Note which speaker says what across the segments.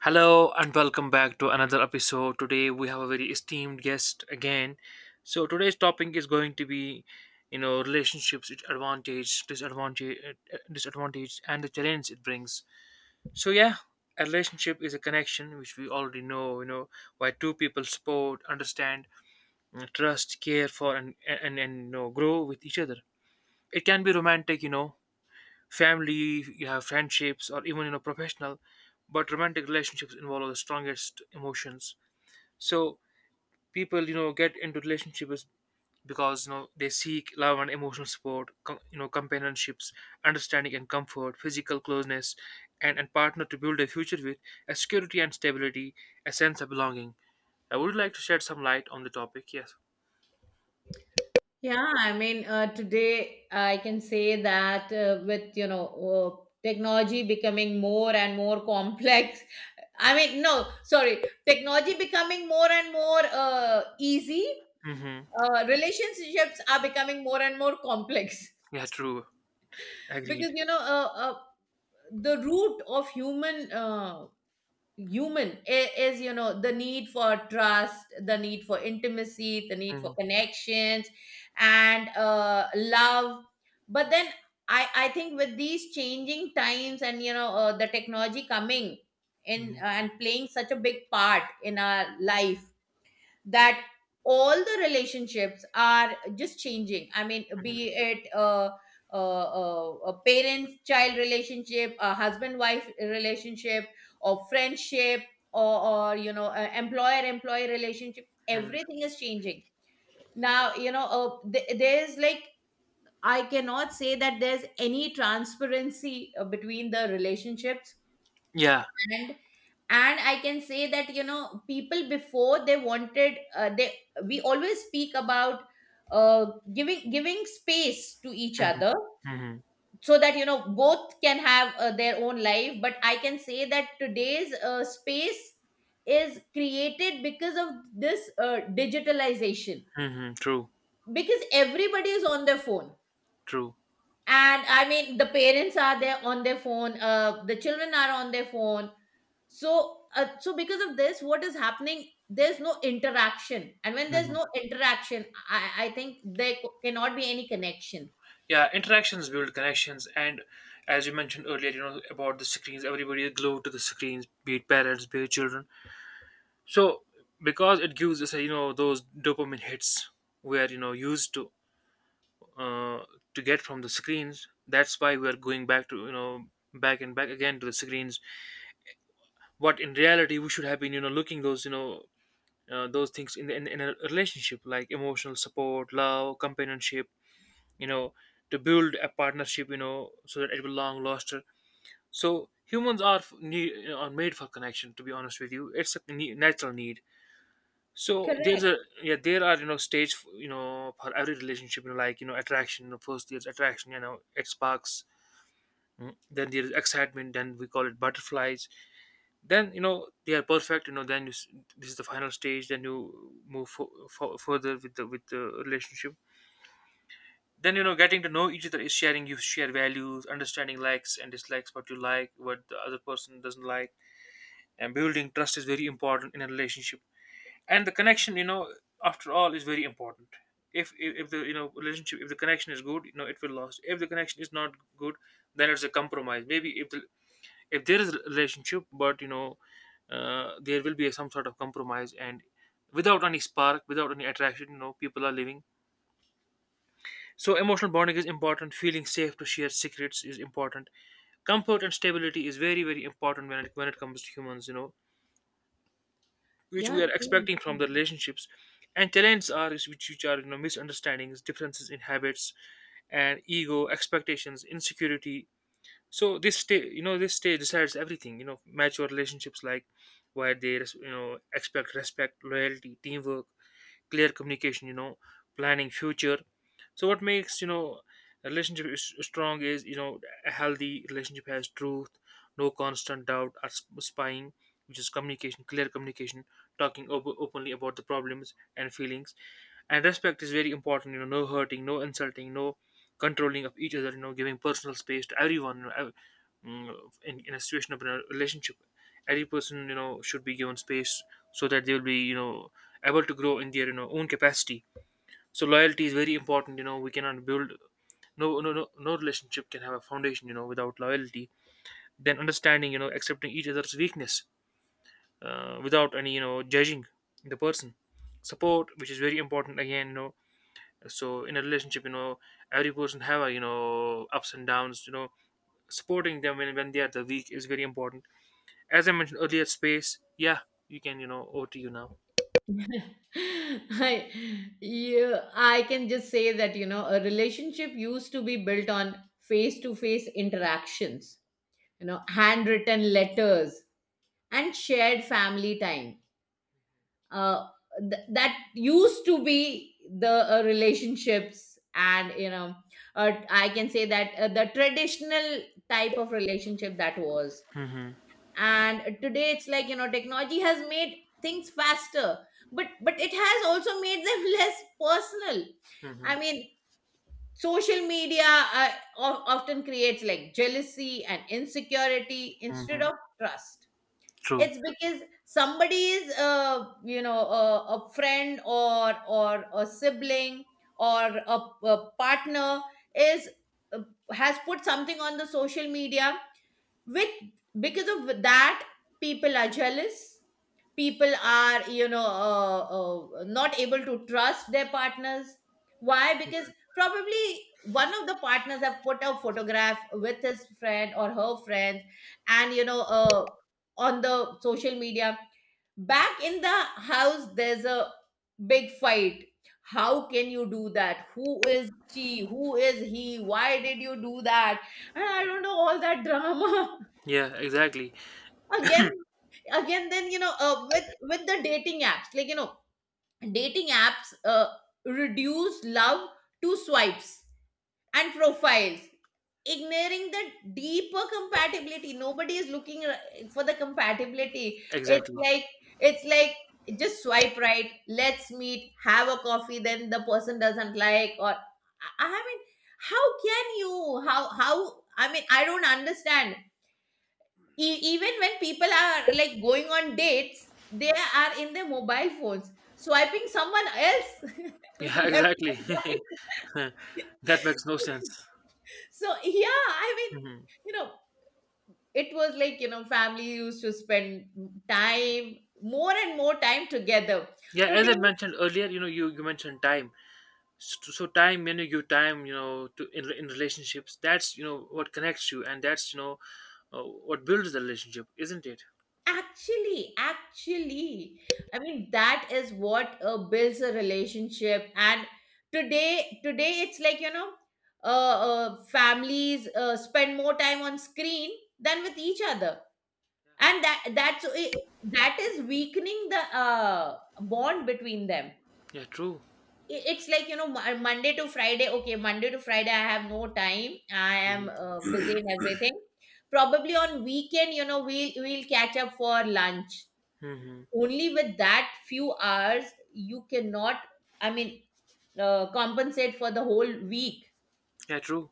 Speaker 1: Hello and welcome back to another episode. Today we have a very esteemed guest again. So today's topic is going to be, relationships, its advantage, disadvantage, and the challenge it brings. So yeah, a relationship is a connection which we already know. Where two people support, understand, trust, care for, and grow with each other. It can be romantic, family, you have friendships, or even professional. But romantic relationships involve the strongest emotions. So people, get into relationships because they seek love and emotional support, companionships, understanding and comfort, physical closeness, and partner to build a future with, a security and stability, a sense of belonging. I would like to shed some light on the topic. Yes.
Speaker 2: Today I can say that with, technology becoming more and more complex. I mean, no, sorry, technology becoming more and more easy.
Speaker 1: Mm-hmm.
Speaker 2: Relationships are becoming more and more complex
Speaker 1: Yeah. True.
Speaker 2: because,
Speaker 1: Agreed.
Speaker 2: the root of human human is you know the need for trust, the need for intimacy, the need
Speaker 1: Mm-hmm.
Speaker 2: for connections and love. But then I think with these changing times and the technology coming in
Speaker 1: Mm-hmm.
Speaker 2: and playing such a big part in our life that all the relationships are just changing. I mean, be it a parent child relationship, a husband wife relationship, or friendship, or you know, employer employee relationship,
Speaker 1: Hmm.
Speaker 2: everything is changing now. There's like, I cannot say that there's any transparency between the relationships.
Speaker 1: Yeah.
Speaker 2: And I can say that you know people before, they wanted they we always speak about uh, giving space to each
Speaker 1: Mm-hmm.
Speaker 2: other
Speaker 1: Mm-hmm.
Speaker 2: so that you know both can have their own life. But I can say that today's space is created because of this digitalization,
Speaker 1: Hmm. True,
Speaker 2: because everybody is on their phone.
Speaker 1: true.
Speaker 2: And I mean, the parents are there on their phone, the children are on their phone. So because of this, what is happening, there's no interaction, and when there's
Speaker 1: Hmm.
Speaker 2: no interaction, I think there cannot be any connection.
Speaker 1: Yeah, interactions build connections, and as you mentioned earlier, about the screens. Everybody is glued to the screens, be it parents, be it children. So because it gives us, those dopamine hits we are, used uh, to get from the screens. That's why we are going back to, back and back again to the screens. What in reality we should have been, looking those things in a relationship like emotional support, love, companionship you know to build a partnership so that it will long last. So humans are need, are made for connection. To be honest with you, it's a natural need. So there's
Speaker 2: Correct.
Speaker 1: a, yeah, there are, stage for every relationship, like, attraction, first there's attraction, it sparks. Then there's excitement. Then we call it butterflies. Then they are perfect. Then this is the final stage. Then you move further with the relationship. Then getting to know each other is sharing. You share values, understanding likes and dislikes, what you like, what the other person doesn't like. And building trust is very important in a relationship, and the connection, after all, is very important. If the, relationship, if the connection is good, it will last. If the connection is not good, then it's a compromise maybe. If there is a relationship, but there will be some sort of compromise. And without any spark, without any attraction, people are living. So emotional bonding is important. Feeling safe to share secrets is important. Comfort and stability is very very important when it comes to humans. Which we are expecting from the relationships. And challenges are is which are misunderstandings, differences in habits, and ego, expectations, insecurity. So this stage, decides everything. Mature relationships like where they expect respect, loyalty, teamwork, clear communication. Planning future. So what makes, a relationship is strong, is a healthy relationship has truth, no constant doubt or spying, which is communication, clear communication, talking openly about the problems and feelings. And respect is very important. You know, no hurting, no insulting, no controlling of each other. You know, giving personal space to everyone. Mm, in a situation of a relationship, every person, should be given space so that they will be, able to grow in their, own capacity. So loyalty is very important. We cannot build, no no no no relationship can have a foundation, without loyalty. Then understanding, accepting each other's weakness without any, judging the person. Support, which is very important again, so in a relationship, every person have a, ups and downs. Supporting them when they are the weak is very important. As I mentioned earlier, space. Yeah, you can, over to you now.
Speaker 2: I, yeah, I can just say that, you know, a relationship used to be built on face to face interactions, you know, handwritten letters and shared family time, uh, that used to be the relationships. And you know, I can say that the traditional type of relationship that was.
Speaker 1: Mm-hmm.
Speaker 2: And today it's like you know technology has made things faster, but it has also made them less personal.
Speaker 1: Mm-hmm.
Speaker 2: I mean, social media uh, often creates like jealousy and insecurity instead
Speaker 1: Mm-hmm.
Speaker 2: of trust.
Speaker 1: True.
Speaker 2: It's because somebody is, you know, a friend, or a sibling, or a partner, is uh, has put something on the social media. With, because of that, people are jealous, people are not able to trust their partners. Why? Because
Speaker 1: Mhm.
Speaker 2: probably one of the partners have put a photograph with his friend or her friend, and on the social media. Back in the house, there's a big fight. How can you do that? Who is she? Who is he? Why did you do that? And I don't know, all that drama.
Speaker 1: Yeah, exactly,
Speaker 2: again again, then with the dating apps, like you know, dating apps reduce love to swipes and profiles, ignoring the deeper compatibility. Nobody is looking for the compatibility.
Speaker 1: exactly.
Speaker 2: It's like just swipe right, let's meet, have a coffee, then the person doesn't like. Or I mean, how can you, how, I mean, I don't understand, even when people are like going on dates, they are in their mobile phones swiping someone else
Speaker 1: Yeah,
Speaker 2: left
Speaker 1: exactly.
Speaker 2: and right.
Speaker 1: That makes no sense.
Speaker 2: So yeah, I mean,
Speaker 1: Hmm.
Speaker 2: you know, it was like you know family used to spend time, more and more time together.
Speaker 1: Yeah, as I
Speaker 2: Today,
Speaker 1: mentioned earlier, you mentioned time. So time, you time, to in relationships. That's what connects you, and that's what builds the relationship, isn't it?
Speaker 2: actually, I mean, that is what builds a relationship. And today it's like, you know, families spend more time on screen than with each other, and that is weakening the bond between them.
Speaker 1: Yeah, true.
Speaker 2: It's like, you know, Monday to Friday. Okay, Monday to Friday, I have no time. I
Speaker 1: Mm-hmm.
Speaker 2: am busy in everything. Probably on weekend, you know, we'll catch up for lunch.
Speaker 1: Mm-hmm.
Speaker 2: Only with that few hours, you cannot, I mean, compensate for the whole week.
Speaker 1: Yeah, true.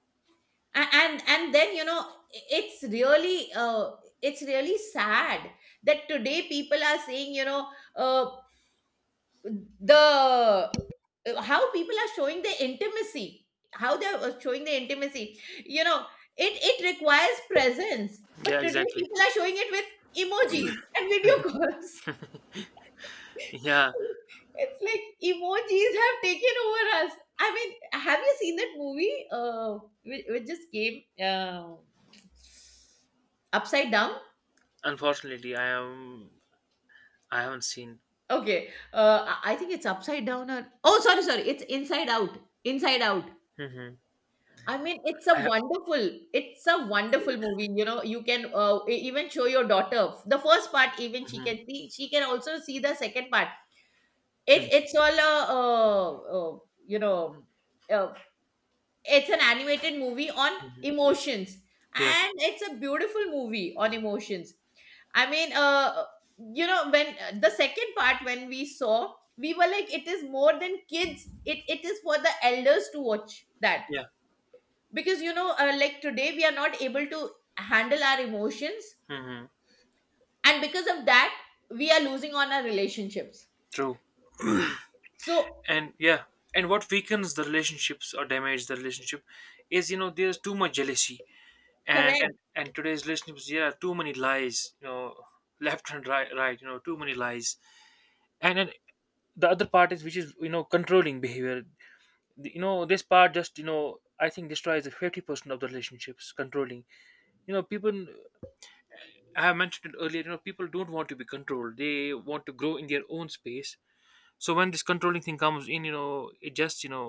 Speaker 2: And then you know, it's really uh, it's really sad that today people are saying, you know uh, the how people are showing the intimacy, how they're showing the intimacy, you know, it requires presence. But
Speaker 1: Yeah,
Speaker 2: today
Speaker 1: exactly.
Speaker 2: people are showing it with emojis and video calls.
Speaker 1: Yeah,
Speaker 2: It's like emojis have taken over us. I mean, have you seen that movie? Which just came upside down.
Speaker 1: unfortunately, I am. I haven't seen.
Speaker 2: Okay, I think it's upside down. Or, oh, sorry, sorry, it's Inside Out. Inside Out.
Speaker 1: Hmm.
Speaker 2: I mean,
Speaker 1: I have.
Speaker 2: it's a wonderful movie. You know, you can even show your daughter the first part. Even she can
Speaker 1: Hmm.
Speaker 2: see. She can also see the second part. It's all a, you know, uh, it's an animated movie on
Speaker 1: Hmm.
Speaker 2: emotions,
Speaker 1: Yeah.
Speaker 2: and it's a beautiful movie on emotions. I mean, you know, when the second part when we saw, we were like, it is more than kids. It is for the elders to watch that
Speaker 1: Yeah.
Speaker 2: because you know, like today we are not able to handle our emotions,
Speaker 1: Hmm.
Speaker 2: and because of that, we are losing on our relationships.
Speaker 1: True.
Speaker 2: So,
Speaker 1: And yeah, and what weakens the relationships or damage the relationship is, there's too much jealousy. and and
Speaker 2: correct.
Speaker 1: and today's relationships, yeah, too many lies, left and right, right, too many lies. And then the other part is, which is, controlling behavior. This part just, I think destroys the 50% of the relationships. Controlling, people, I have mentioned it earlier, people don't want to be controlled. They want to grow in their own space. So when this controlling thing comes in, it just,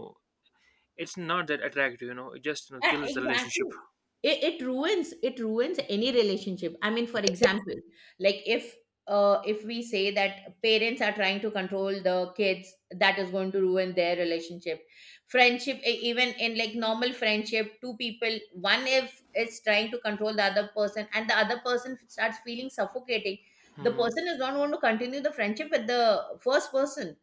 Speaker 1: it's not that attractive, you know. It just, kills the
Speaker 2: Exactly.
Speaker 1: relationship.
Speaker 2: It ruins it ruins any relationship. I mean, for example, like if we say that parents are trying to control the kids, that is going to ruin their relationship. Friendship, even in like normal friendship, two people, one if is trying to control the other person, and the other person starts feeling suffocating, the
Speaker 1: Mm.
Speaker 2: person is not going to continue the friendship with the first person.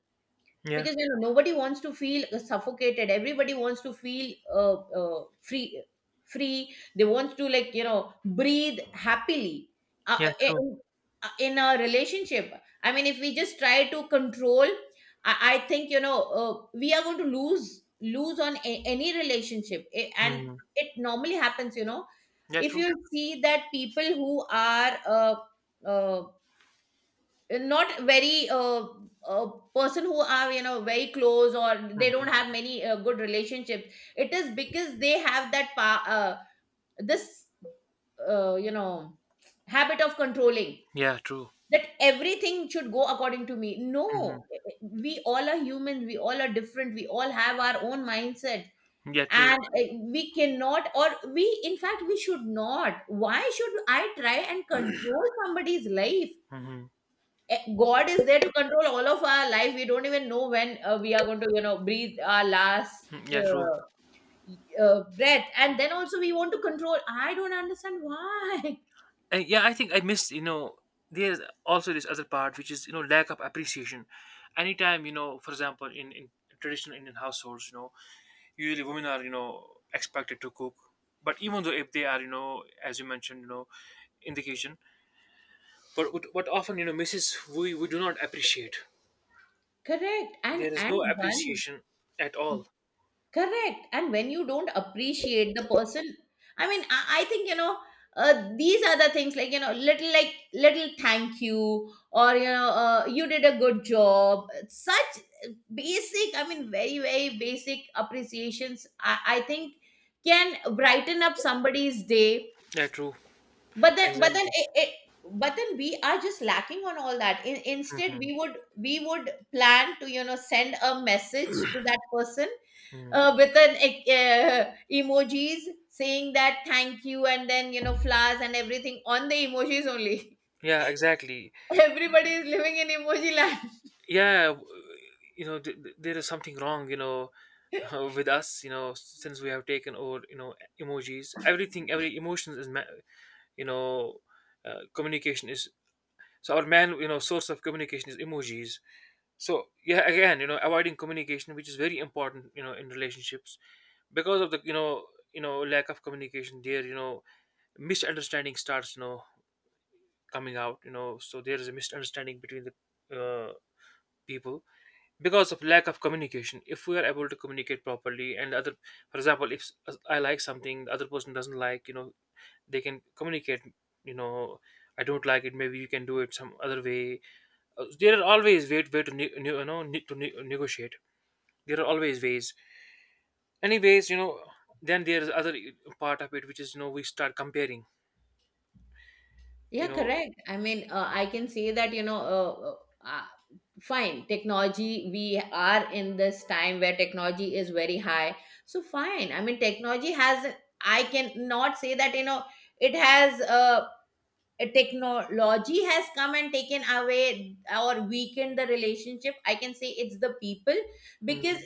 Speaker 1: Yeah.
Speaker 2: Because you know nobody wants to feel suffocated, everybody wants to feel free, free, they want to like you know breathe happily uh,
Speaker 1: Yeah. True.
Speaker 2: in, in a relationship. I mean, if we just try to control, I think you know we are going to lose on any relationship. And
Speaker 1: Hmm.
Speaker 2: it normally happens, you know,
Speaker 1: Yeah.
Speaker 2: if
Speaker 1: True.
Speaker 2: you see that people who are uh, not very a person who are you know very close, or they don't
Speaker 1: Hmm.
Speaker 2: have many good relationships, it is because they have that pa- this you know habit of controlling,
Speaker 1: Yeah. True.
Speaker 2: that everything should go according to me.
Speaker 1: Hmm.
Speaker 2: No, we all are human, we all are different, we all have our own mindset,
Speaker 1: Yeah. True.
Speaker 2: and we cannot, or we in fact we should not. Why should I try and control somebody's life?
Speaker 1: Hmm.
Speaker 2: Eh, God is there to control all of our life. We don't even know when we are going to, you know, breathe our last
Speaker 1: Yeah. True.
Speaker 2: uh, breath, and then also we want to control. I don't understand why.
Speaker 1: And yeah, I think I missed. There's also this other part, which is, lack of appreciation. Anytime, for example, in traditional Indian households, usually women are, expected to cook, but even though if they are, as you mentioned, in the kitchen, but what often, misses, we do not appreciate.
Speaker 2: Correct.
Speaker 1: There is no
Speaker 2: And one
Speaker 1: appreciation at all.
Speaker 2: Correct. And when you don't appreciate the person, I mean, I think, you know, these are the things, like, you know, little, like little thank you, or, you know, you did a good job. Such basic, I mean, very, very basic appreciations, I think can brighten up somebody's day.
Speaker 1: Yeah, true.
Speaker 2: but then but then
Speaker 1: Exactly.
Speaker 2: it, it but then we are just lacking on all that. Instead,
Speaker 1: Hmm.
Speaker 2: we would plan to you know send a message to that person
Speaker 1: Hmm.
Speaker 2: with an emojis saying that thank you, and then you know flowers and everything on the emojis only.
Speaker 1: Yeah, exactly.
Speaker 2: Everybody is living in emoji land.
Speaker 1: Yeah, there is something wrong, with us, since we have taken over, emojis. Everything, every emotions is, you know, communication is. So our man, source of communication is emojis. So yeah, again, avoiding communication, which is very important, in relationships, because of the, lack of communication there, misunderstanding starts, coming out. So there is a misunderstanding between the uh, people because of lack of communication. If we are able to communicate properly, and other, for example, if I like something the other person doesn't like, they can communicate. you know I don't like it, maybe you can do it some other way. There are always way to negotiate. There are always ways, anyways, you know. Then there is other part of it, which is, we start comparing, you
Speaker 2: Yeah,
Speaker 1: know
Speaker 2: correct. I mean, I can say that, fine, technology, we are in this time where technology is very high. So, fine. I mean, technology has, I can not say that, you know, it has, a technology has come and taken away or weakened the relationship. I can say it's the people, because
Speaker 1: Mhm,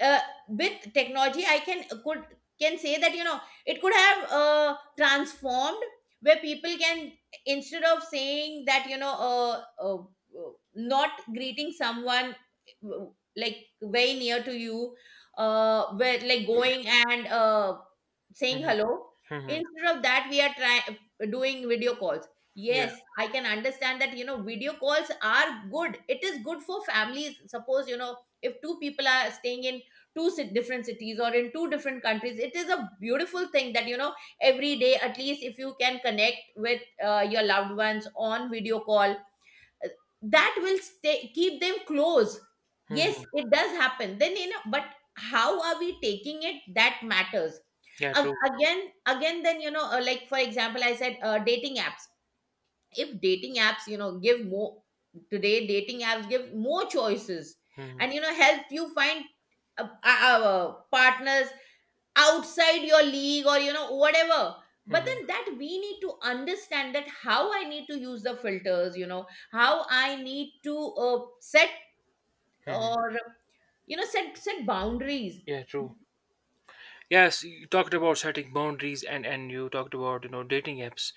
Speaker 2: uh, with technology I can say that you know it could have transformed, where people can, instead of saying that uh, not greeting someone, uh, like very near to you, where like going and saying
Speaker 1: mhm,
Speaker 2: hello,
Speaker 1: mhm.
Speaker 2: instead of that we are trying doing video calls. Yes, I can understand that you know video calls are good, it is good for families. Suppose, you know, if two people are staying in different cities or in two different countries, it is a beautiful thing that you know every day at least if you can connect with your loved ones on video call, uh, that will stay keep them close. Yes,
Speaker 1: Mhm.
Speaker 2: it does happen, then you know, but how are we taking it, that matters.
Speaker 1: Yeah,
Speaker 2: Ag-
Speaker 1: true.
Speaker 2: again again then like for example I said, dating apps, if dating apps you know give more, today dating apps give more choices,
Speaker 1: Mhm.
Speaker 2: and you know help you find partners outside your league, or you know whatever. But
Speaker 1: Mhm.
Speaker 2: then that we need to understand, that how I need to use the filters, you know, how I need to set,
Speaker 1: Mhm.
Speaker 2: or you know set boundaries.
Speaker 1: Yeah, true. Yes, you talked about setting boundaries, and you talked about, dating apps.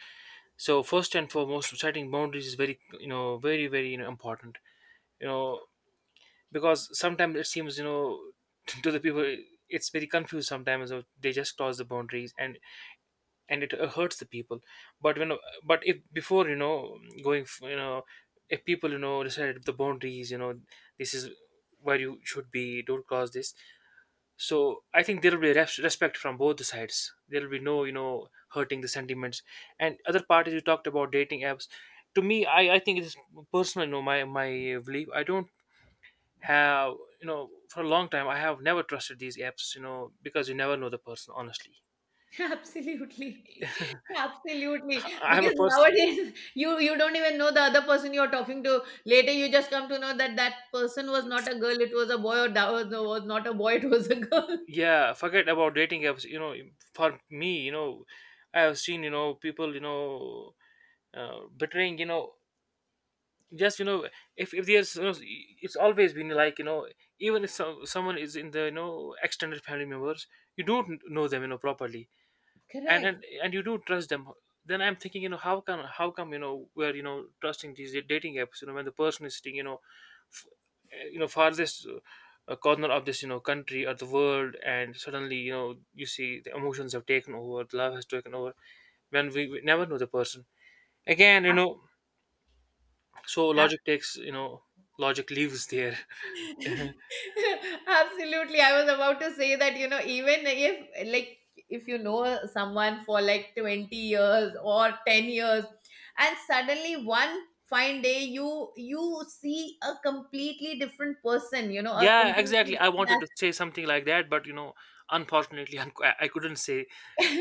Speaker 1: So first and foremost, setting boundaries is very, very, very, important. You know, because sometimes it seems, to the people, it's very confused sometimes. They just cross the boundaries, and it hurts the people. but when but if before, going if people, decide the boundaries, this is where you should be, don't cross this. So I think there will be respect from both the sides. There will be no, hurting the sentiments. And other part is, you talked about dating apps. To me, I think it is personal, my belief. I don't have, for a long time I have never trusted these apps, because you never know the person. Honestly,
Speaker 2: Absolutely. Absolutely.
Speaker 1: I am a
Speaker 2: Because
Speaker 1: person.
Speaker 2: nowadays you don't even know the other person you're talking to. Later you just come to know that that person was not a girl, it was a boy, or that was not a boy, it was a girl.
Speaker 1: Yeah, forget about dating apps. For me, I have seen, people, betraying, just. If there's, it's always been like, even if someone is in the extended family members. You don't know them properly. and
Speaker 2: Correct.
Speaker 1: and, and you do trust them. Then I'm thinking, how come, we're trusting these dating apps, when the person is sitting, f- farthest corner of this country or the world, and suddenly, you see the emotions have taken over, the love has taken over, when we never know the person again. So logic takes you know logic leaves there.
Speaker 2: Absolutely. I was about to say that, you know, even if like if you know someone for like 20 years or 10 years, and suddenly one fine day you see a completely different person, you know, a
Speaker 1: Yeah,
Speaker 2: completely
Speaker 1: exactly. I
Speaker 2: different.
Speaker 1: wanted to say something like that, but unfortunately I couldn't say.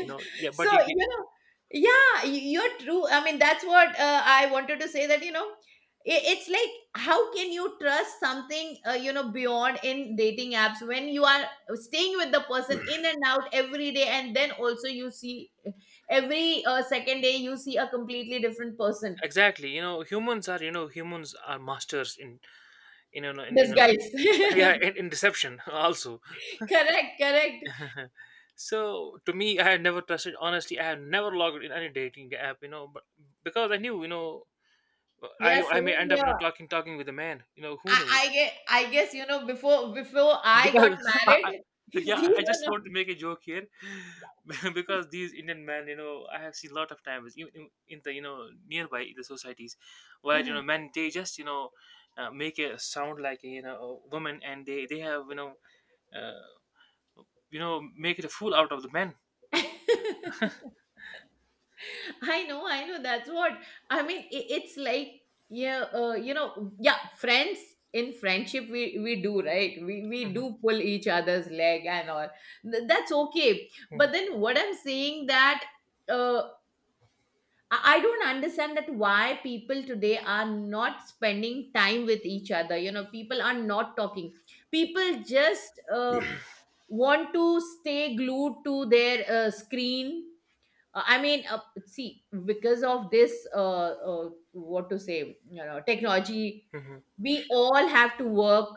Speaker 1: Yeah,
Speaker 2: So
Speaker 1: but
Speaker 2: you know yeah y- you're true I mean that's what I wanted to say, that, you know, it's like, how can you trust something you know, beyond, in dating apps, when you are staying with the person in and out every day, and then also you see every second day you see a completely different person.
Speaker 1: exactly, humans are masters in you know in, you
Speaker 2: This
Speaker 1: know in, yeah, in deception also.
Speaker 2: Correct, correct.
Speaker 1: So to me, I had never trusted. Honestly, I had never logged in any dating app, but because I knew,
Speaker 2: Yeah,
Speaker 1: I may
Speaker 2: same
Speaker 1: end up,
Speaker 2: here.
Speaker 1: talking with a man, who
Speaker 2: I,
Speaker 1: knows,
Speaker 2: I get i guess you know, before I
Speaker 1: because
Speaker 2: got
Speaker 1: I,
Speaker 2: married these
Speaker 1: yeah, I just want
Speaker 2: were
Speaker 1: to make a joke here. Because these Indian men, I have seen a lot of times in the, nearby the societies where, men, they just, make a sound like a, you know a woman, and they have, uh, make it a fool out of the men.
Speaker 2: not. I know, I know. That's what I mean. It's like, yeah, you know, yeah. Friends, in friendship, we do, right? We
Speaker 1: Mhm,
Speaker 2: do pull each other's leg and all. That's okay. But
Speaker 1: mhm,
Speaker 2: then what I'm saying, that uh, I don't understand that why people today are not spending time with each other. You know, people are not talking. People just want to stay glued to their screen. I mean, see, because of this, what to say, you know, technology,
Speaker 1: mhm.
Speaker 2: we all have to work,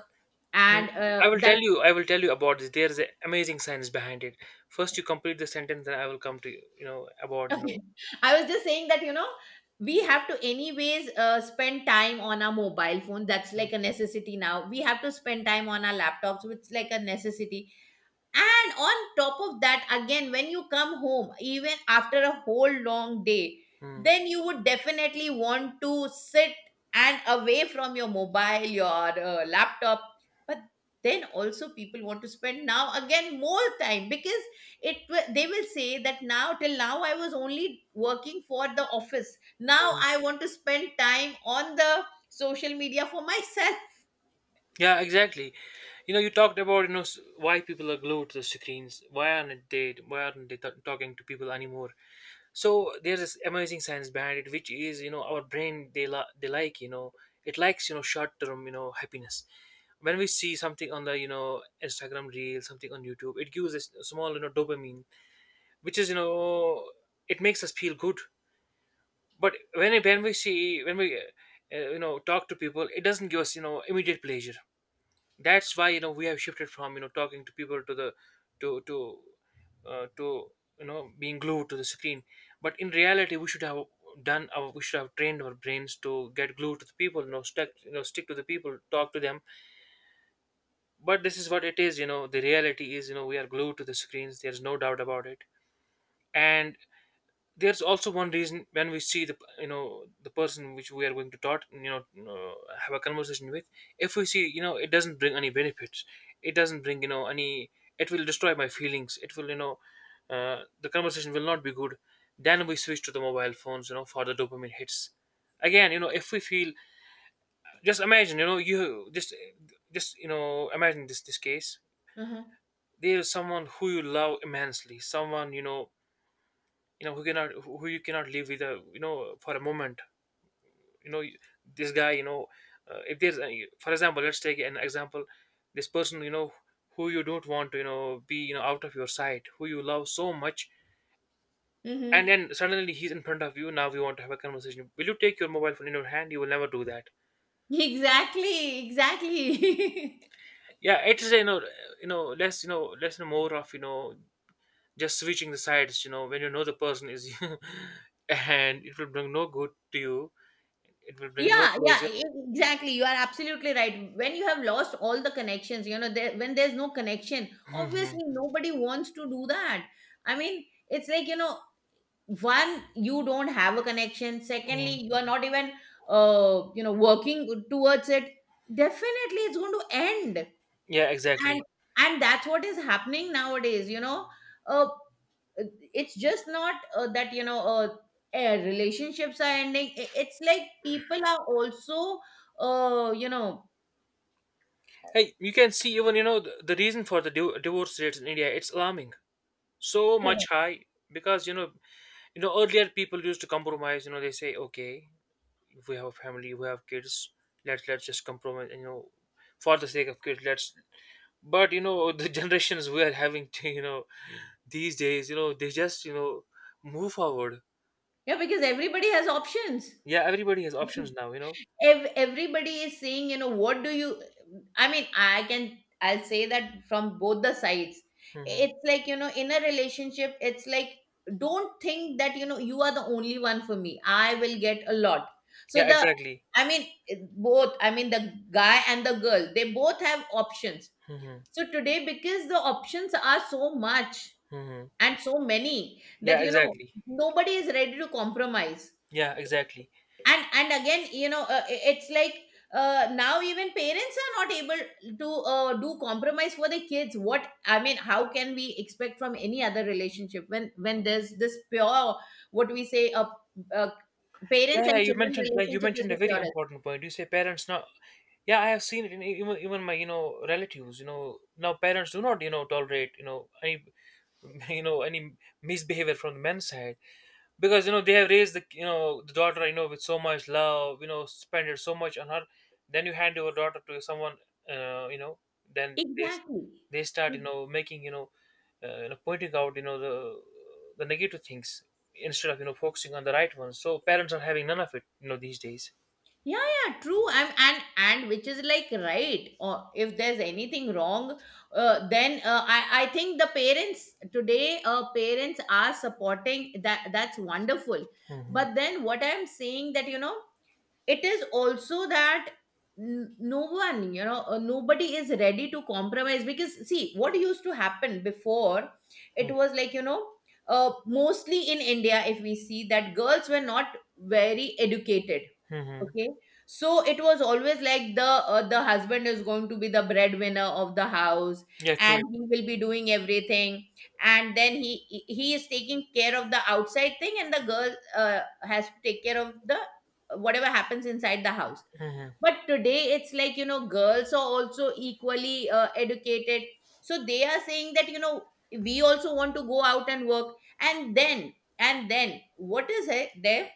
Speaker 2: and
Speaker 1: I will
Speaker 2: that.
Speaker 1: tell you. I will tell you about this. There is an amazing science behind it. First, you complete the sentence, then I will come to you. You know about.
Speaker 2: Okay. I was just saying that, you know, we have to anyways spend time on our mobile phone. That's like a necessity now. We have to spend time on our laptops, which is like a necessity. And on top of that, again, when you come home, even after a whole long day,
Speaker 1: Mm,
Speaker 2: then you would definitely want to sit and away from your mobile, your laptop. But then also people want to spend now again more time, because they will say that, now, till now I was only working for the office, now
Speaker 1: mm.
Speaker 2: I want to spend time on the social media for myself.
Speaker 1: Yeah, exactly. You talked about, why people are glued to the screens. Why aren't they? Why aren't they talking to people anymore? So there's this amazing science behind it, which is, our brain they la- they like you know it likes, short term, happiness. When we see something on the, Instagram reel, something on YouTube, it gives us a small, dopamine, which is, it makes us feel good. But when we see, when we you know talk to people, it doesn't give us, immediate pleasure. That's why, we have shifted from, talking to people to the, to to to you know being glued to the screen. But in reality, we should have trained our brains to get glued to the people. Stuck you know Stick to the people, talk to them. But this is what it is. The reality is, we are glued to the screens. There's no doubt about it. And there's also one reason. When we see the you know the person which we are going to talk, have a conversation with, if we see, it doesn't bring any benefits, it doesn't bring, any... It will destroy my feelings. It will, the conversation will not be good. Then we switch to the mobile phones, for the dopamine hits. Again, if we feel, just imagine, you just you know imagine this case.
Speaker 2: Uh-huh.
Speaker 1: There's someone who you love immensely, someone, who you cannot live with a you know for a moment, you know this guy, if there's any, for example, let's take an example. This person, who you don't want to, be, out of your sight, who you love so much. And
Speaker 2: Hmm.
Speaker 1: then suddenly he's in front of you. Now we want to have a conversation. Will you take your mobile phone in your hand? You will never do that.
Speaker 2: Exactly, exactly.
Speaker 1: Yeah, it is, less and more of, just switching the sides, when, the person is you. And it will bring no good to you. It will bring no
Speaker 2: Yeah, yeah,
Speaker 1: pleasure.
Speaker 2: exactly. You are absolutely right. When you have lost all the connections, you know, there, when there's no connection, obviously nobody wants to do that. I mean, it's like, you know, one, you don't have a connection.
Speaker 1: Mm.
Speaker 2: Secondly, you are not even, you know, working towards it. Definitely, it's going to end.
Speaker 1: Yeah,
Speaker 2: and
Speaker 1: exactly.
Speaker 2: and that's what is happening nowadays, you know, uh, it's just not that, you know, relationships are ending. It's like people are also you know.
Speaker 1: Hey, you can see even, the reason for the divorce rates in India. It's alarming, so much
Speaker 2: Correct.
Speaker 1: high, because, earlier, people used to compromise. They say okay, if we have a family, we have kids, let's just compromise. For the sake of kids, let's. But, the generations we are having, to, these days, they just, move forward.
Speaker 2: Yeah, because everybody has options.
Speaker 1: Yeah, everybody has options now.
Speaker 2: Everybody is saying, you know, what do you, I mean, I'll say that from both the sides.
Speaker 1: Hmm.
Speaker 2: It's like, you know, in a relationship, it's like, don't think that, you know, you are the only one for me, I will get a lot. So
Speaker 1: Yeah,
Speaker 2: the,
Speaker 1: exactly.
Speaker 2: I mean, both, I mean, the guy and the girl, they both have options.
Speaker 1: Hmm.
Speaker 2: So today, because the options are so much
Speaker 1: Hmm.
Speaker 2: and so many,
Speaker 1: Yeah,
Speaker 2: that, you know,
Speaker 1: exactly.
Speaker 2: nobody is ready to compromise.
Speaker 1: Yeah, exactly.
Speaker 2: And again, you know, it's like, now even parents are not able to do compromise for the kids. What I mean, how can we expect from any other relationship, when there's this pure, what we say, a,
Speaker 1: Yeah,
Speaker 2: parents
Speaker 1: yeah,
Speaker 2: and children
Speaker 1: you
Speaker 2: relationship is
Speaker 1: mentioned a
Speaker 2: the
Speaker 1: very
Speaker 2: purest.
Speaker 1: important point. You say parents now. Yeah, I have seen it in even my, relatives. Now parents do not, tolerate, any any misbehavior from the men's side. Because, they have raised the daughter, with so much love, spend it so much on her. Then you hand your daughter to someone. uh, you know then
Speaker 2: Exactly.
Speaker 1: they start, making, pointing out, the negative things, instead of, focusing on the right ones. So parents are having none of it, these days.
Speaker 2: Yeah, yeah, true. And which is like right. Or if there's anything wrong, then I think the parents today, parents are supporting that, that's wonderful.
Speaker 1: Hmm.
Speaker 2: But then what I'm saying, that, you know, it is also that no one, you know, nobody is ready to compromise. Because see what used to happen before. It was like, you know, mostly in India, if we see, that girls were not very educated.
Speaker 1: Hmm.
Speaker 2: Okay, so it was always like the husband is going to be the breadwinner of the house,
Speaker 1: Yeah,
Speaker 2: and
Speaker 1: true.
Speaker 2: he will be doing everything, and then he is taking care of the outside thing, and the girl has to take care of the whatever happens inside the house.
Speaker 1: Hmm.
Speaker 2: But today it's like, you know, girls are also equally educated, so they are saying that, you know, we also want to go out and work, and then what is it there,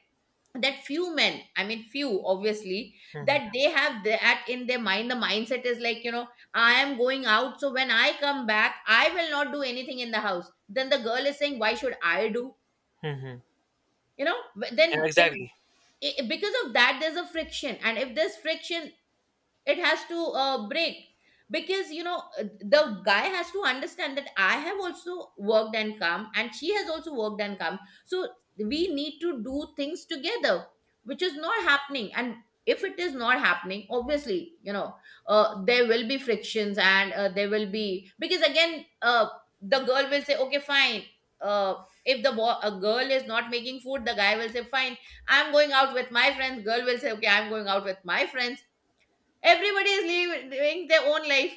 Speaker 2: that few men, I mean, few, obviously,
Speaker 1: Hmm.
Speaker 2: that they have that in their mind, the mindset is like, you know, I am going out, so when I come back I will not do anything in the house, then the girl is saying, why should I do,
Speaker 1: Hmm.
Speaker 2: you know,
Speaker 1: Yeah,
Speaker 2: then if,
Speaker 1: exactly.
Speaker 2: because of that there's a friction, and if there's friction, it has to break. Because, you know, the guy has to understand that I have also worked and come, and she has also worked and come, so we need to do things together, which is not happening. And if it is not happening, obviously, you know, there will be frictions, and there will be, because again, the girl will say, okay, fine, if the a girl is not making food, the guy will say, fine, I'm going out with my friends, girl will say, okay, I'm going out with my friends. Everybody is living, doing their own life.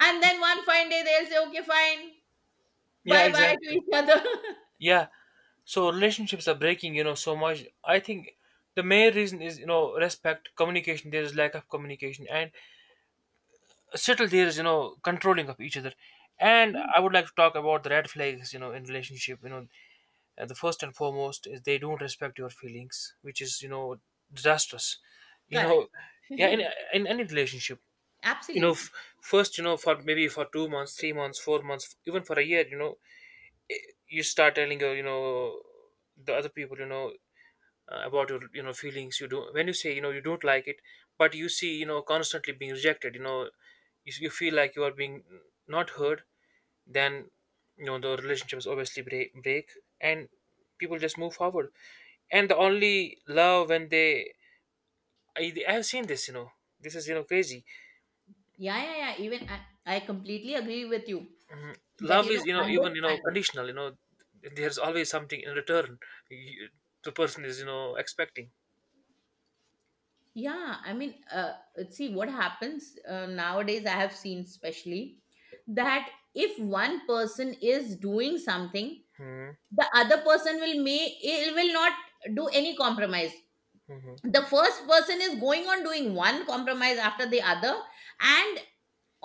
Speaker 2: And then one fine day they'll say, okay, fine,
Speaker 1: Yeah,
Speaker 2: bye bye to
Speaker 1: exactly.
Speaker 2: each other.
Speaker 1: Yeah. So relationships are breaking, so much. I think the main reason is, respect, communication. There is lack of communication, and settle there is, controlling of each other. And I would like to talk about the red flags, in relationship. The first and foremost is they don't respect your feelings, which is, disastrous. You know,
Speaker 2: Correct.
Speaker 1: yeah, in in any relationship, you know,
Speaker 2: Absolutely.
Speaker 1: f- first, for maybe for 2 months, 3 months, 4 months, even for a year, you start telling your, the other people, about your, feelings. You do. When you say, you don't like it, but you see, constantly being rejected, you feel like you are being not heard. Then, the relationships obviously break. And people just move forward. And the only love, when they... I have seen this, this is, crazy.
Speaker 2: Yeah, yeah, yeah. Even I completely agree with you that,
Speaker 1: Love
Speaker 2: you
Speaker 1: is,
Speaker 2: know,
Speaker 1: even,
Speaker 2: understanding.
Speaker 1: conditional, there's always something in return. you, the person is, expecting.
Speaker 2: Yeah, I mean, see what happens nowadays, I have seen, especially, that if one person is doing something,
Speaker 1: Mm-hmm.
Speaker 2: the other person will may, it will not do any compromise. The first person is going on doing one compromise after the other, and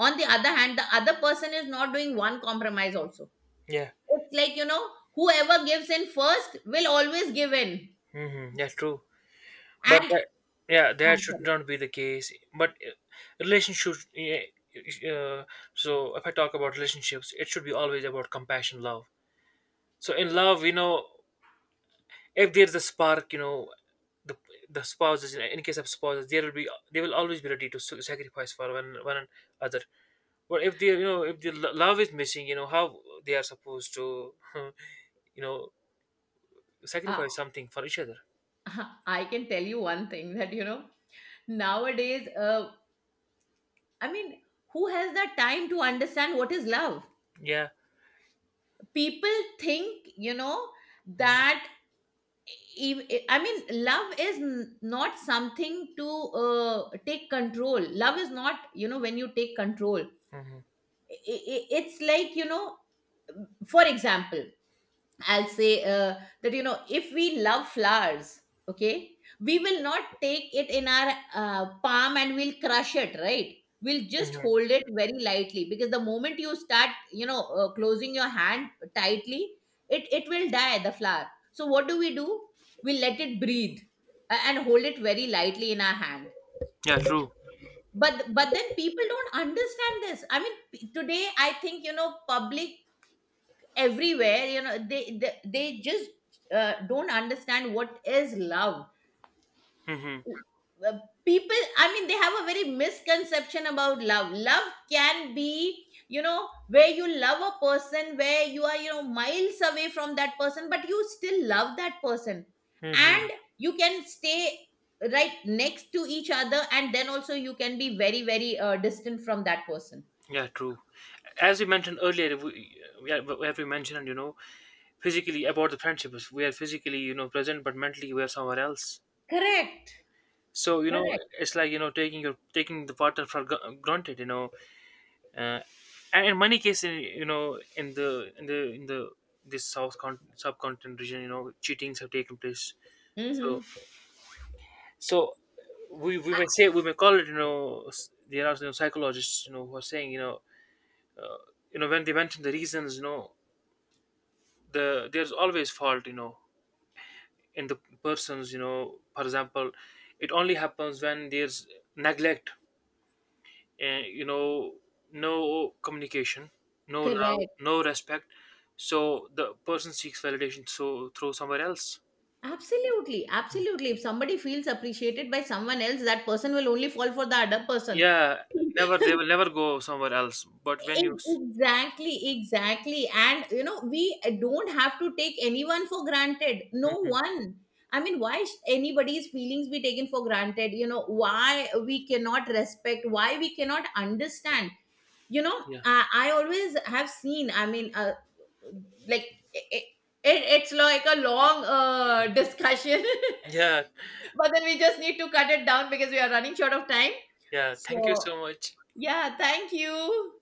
Speaker 2: on the other hand, the other person is not doing one compromise also.
Speaker 1: Yeah.
Speaker 2: It's like, you know, whoever gives in first will always give in.
Speaker 1: Mm-hmm. Yeah, true. But
Speaker 2: And
Speaker 1: that... yeah, that
Speaker 2: I'm
Speaker 1: should
Speaker 2: sorry.
Speaker 1: not be the case, but, relationships, yeah. uh, so if I talk about relationships, it should be always about compassion, love. So in love, if there's a spark, the the spouses, in case of spouses, there will be they will always be ready to sacrifice for one another. But if the love is missing, how they are supposed to you know
Speaker 2: Uh,
Speaker 1: sacrifice something for each other.
Speaker 2: I can tell you one thing, that, you know, nowadays, I mean, who has the time to understand what is love.
Speaker 1: Yeah.
Speaker 2: People think, you know,
Speaker 1: Hmm.
Speaker 2: that, I mean, love is not something to take control. Love is not, you know, when you take control,
Speaker 1: Hmm.
Speaker 2: i- it's like, you know, for example, I'll say that, you know, if we love flowers, okay, we will not take it in our palm and we'll crush it, right? We'll just
Speaker 1: Hmm.
Speaker 2: hold it very lightly, because the moment you start, you know, closing your hand tightly, it will die, the flower. So what do? We let it breathe, and hold it very lightly in our hand.
Speaker 1: Yeah, true.
Speaker 2: But then people don't understand this. I mean, today I think, you know, public, everywhere, you know, they just don't understand what is love.
Speaker 1: Hmm.
Speaker 2: Uh, people, I mean, they have a very misconception about love. Love can be, you know, where you love a person, where you are, you know, miles away from that person, but you still love that person.
Speaker 1: Hmm.
Speaker 2: And you can stay right next to each other, and then also you can be very very distant from that person.
Speaker 1: Yeah, true. As we mentioned earlier, yeah, we mentioned, physically, about the friendships. We are physically, present, but mentally we are somewhere else.
Speaker 2: Correct,
Speaker 1: So,
Speaker 2: correct.
Speaker 1: it's like, taking the partner for granted, uh, and in many cases, in the this subcontinent region, cheatings have taken place. So
Speaker 2: Mm-hmm.
Speaker 1: so we we
Speaker 2: Uh,
Speaker 1: may say we may call it, there are, psychologists, who are saying, you know, when they mention the reasons, there's always fault, in the persons, for example. It only happens when there's neglect, and, no communication, no love,
Speaker 2: correct.
Speaker 1: no respect. So the person seeks validation, through somewhere else.
Speaker 2: Absolutely, absolutely. If somebody feels appreciated by someone else, that person will only fall for the other person.
Speaker 1: Yeah, never, they will never go somewhere else. But when you
Speaker 2: Exactly, exactly. And you know, we don't have to take anyone for granted. No
Speaker 1: Mhm.
Speaker 2: one. I mean, why sh- anybody's feelings be taken for granted? You know, why we cannot respect, why we cannot understand. You know,
Speaker 1: Yeah,
Speaker 2: I always have seen, I mean, like, it's like a long discussion.
Speaker 1: yeah,
Speaker 2: But then we just need to cut it down because we are running short of time.
Speaker 1: yeah, thank you
Speaker 2: So,
Speaker 1: so much.
Speaker 2: yeah, thank you.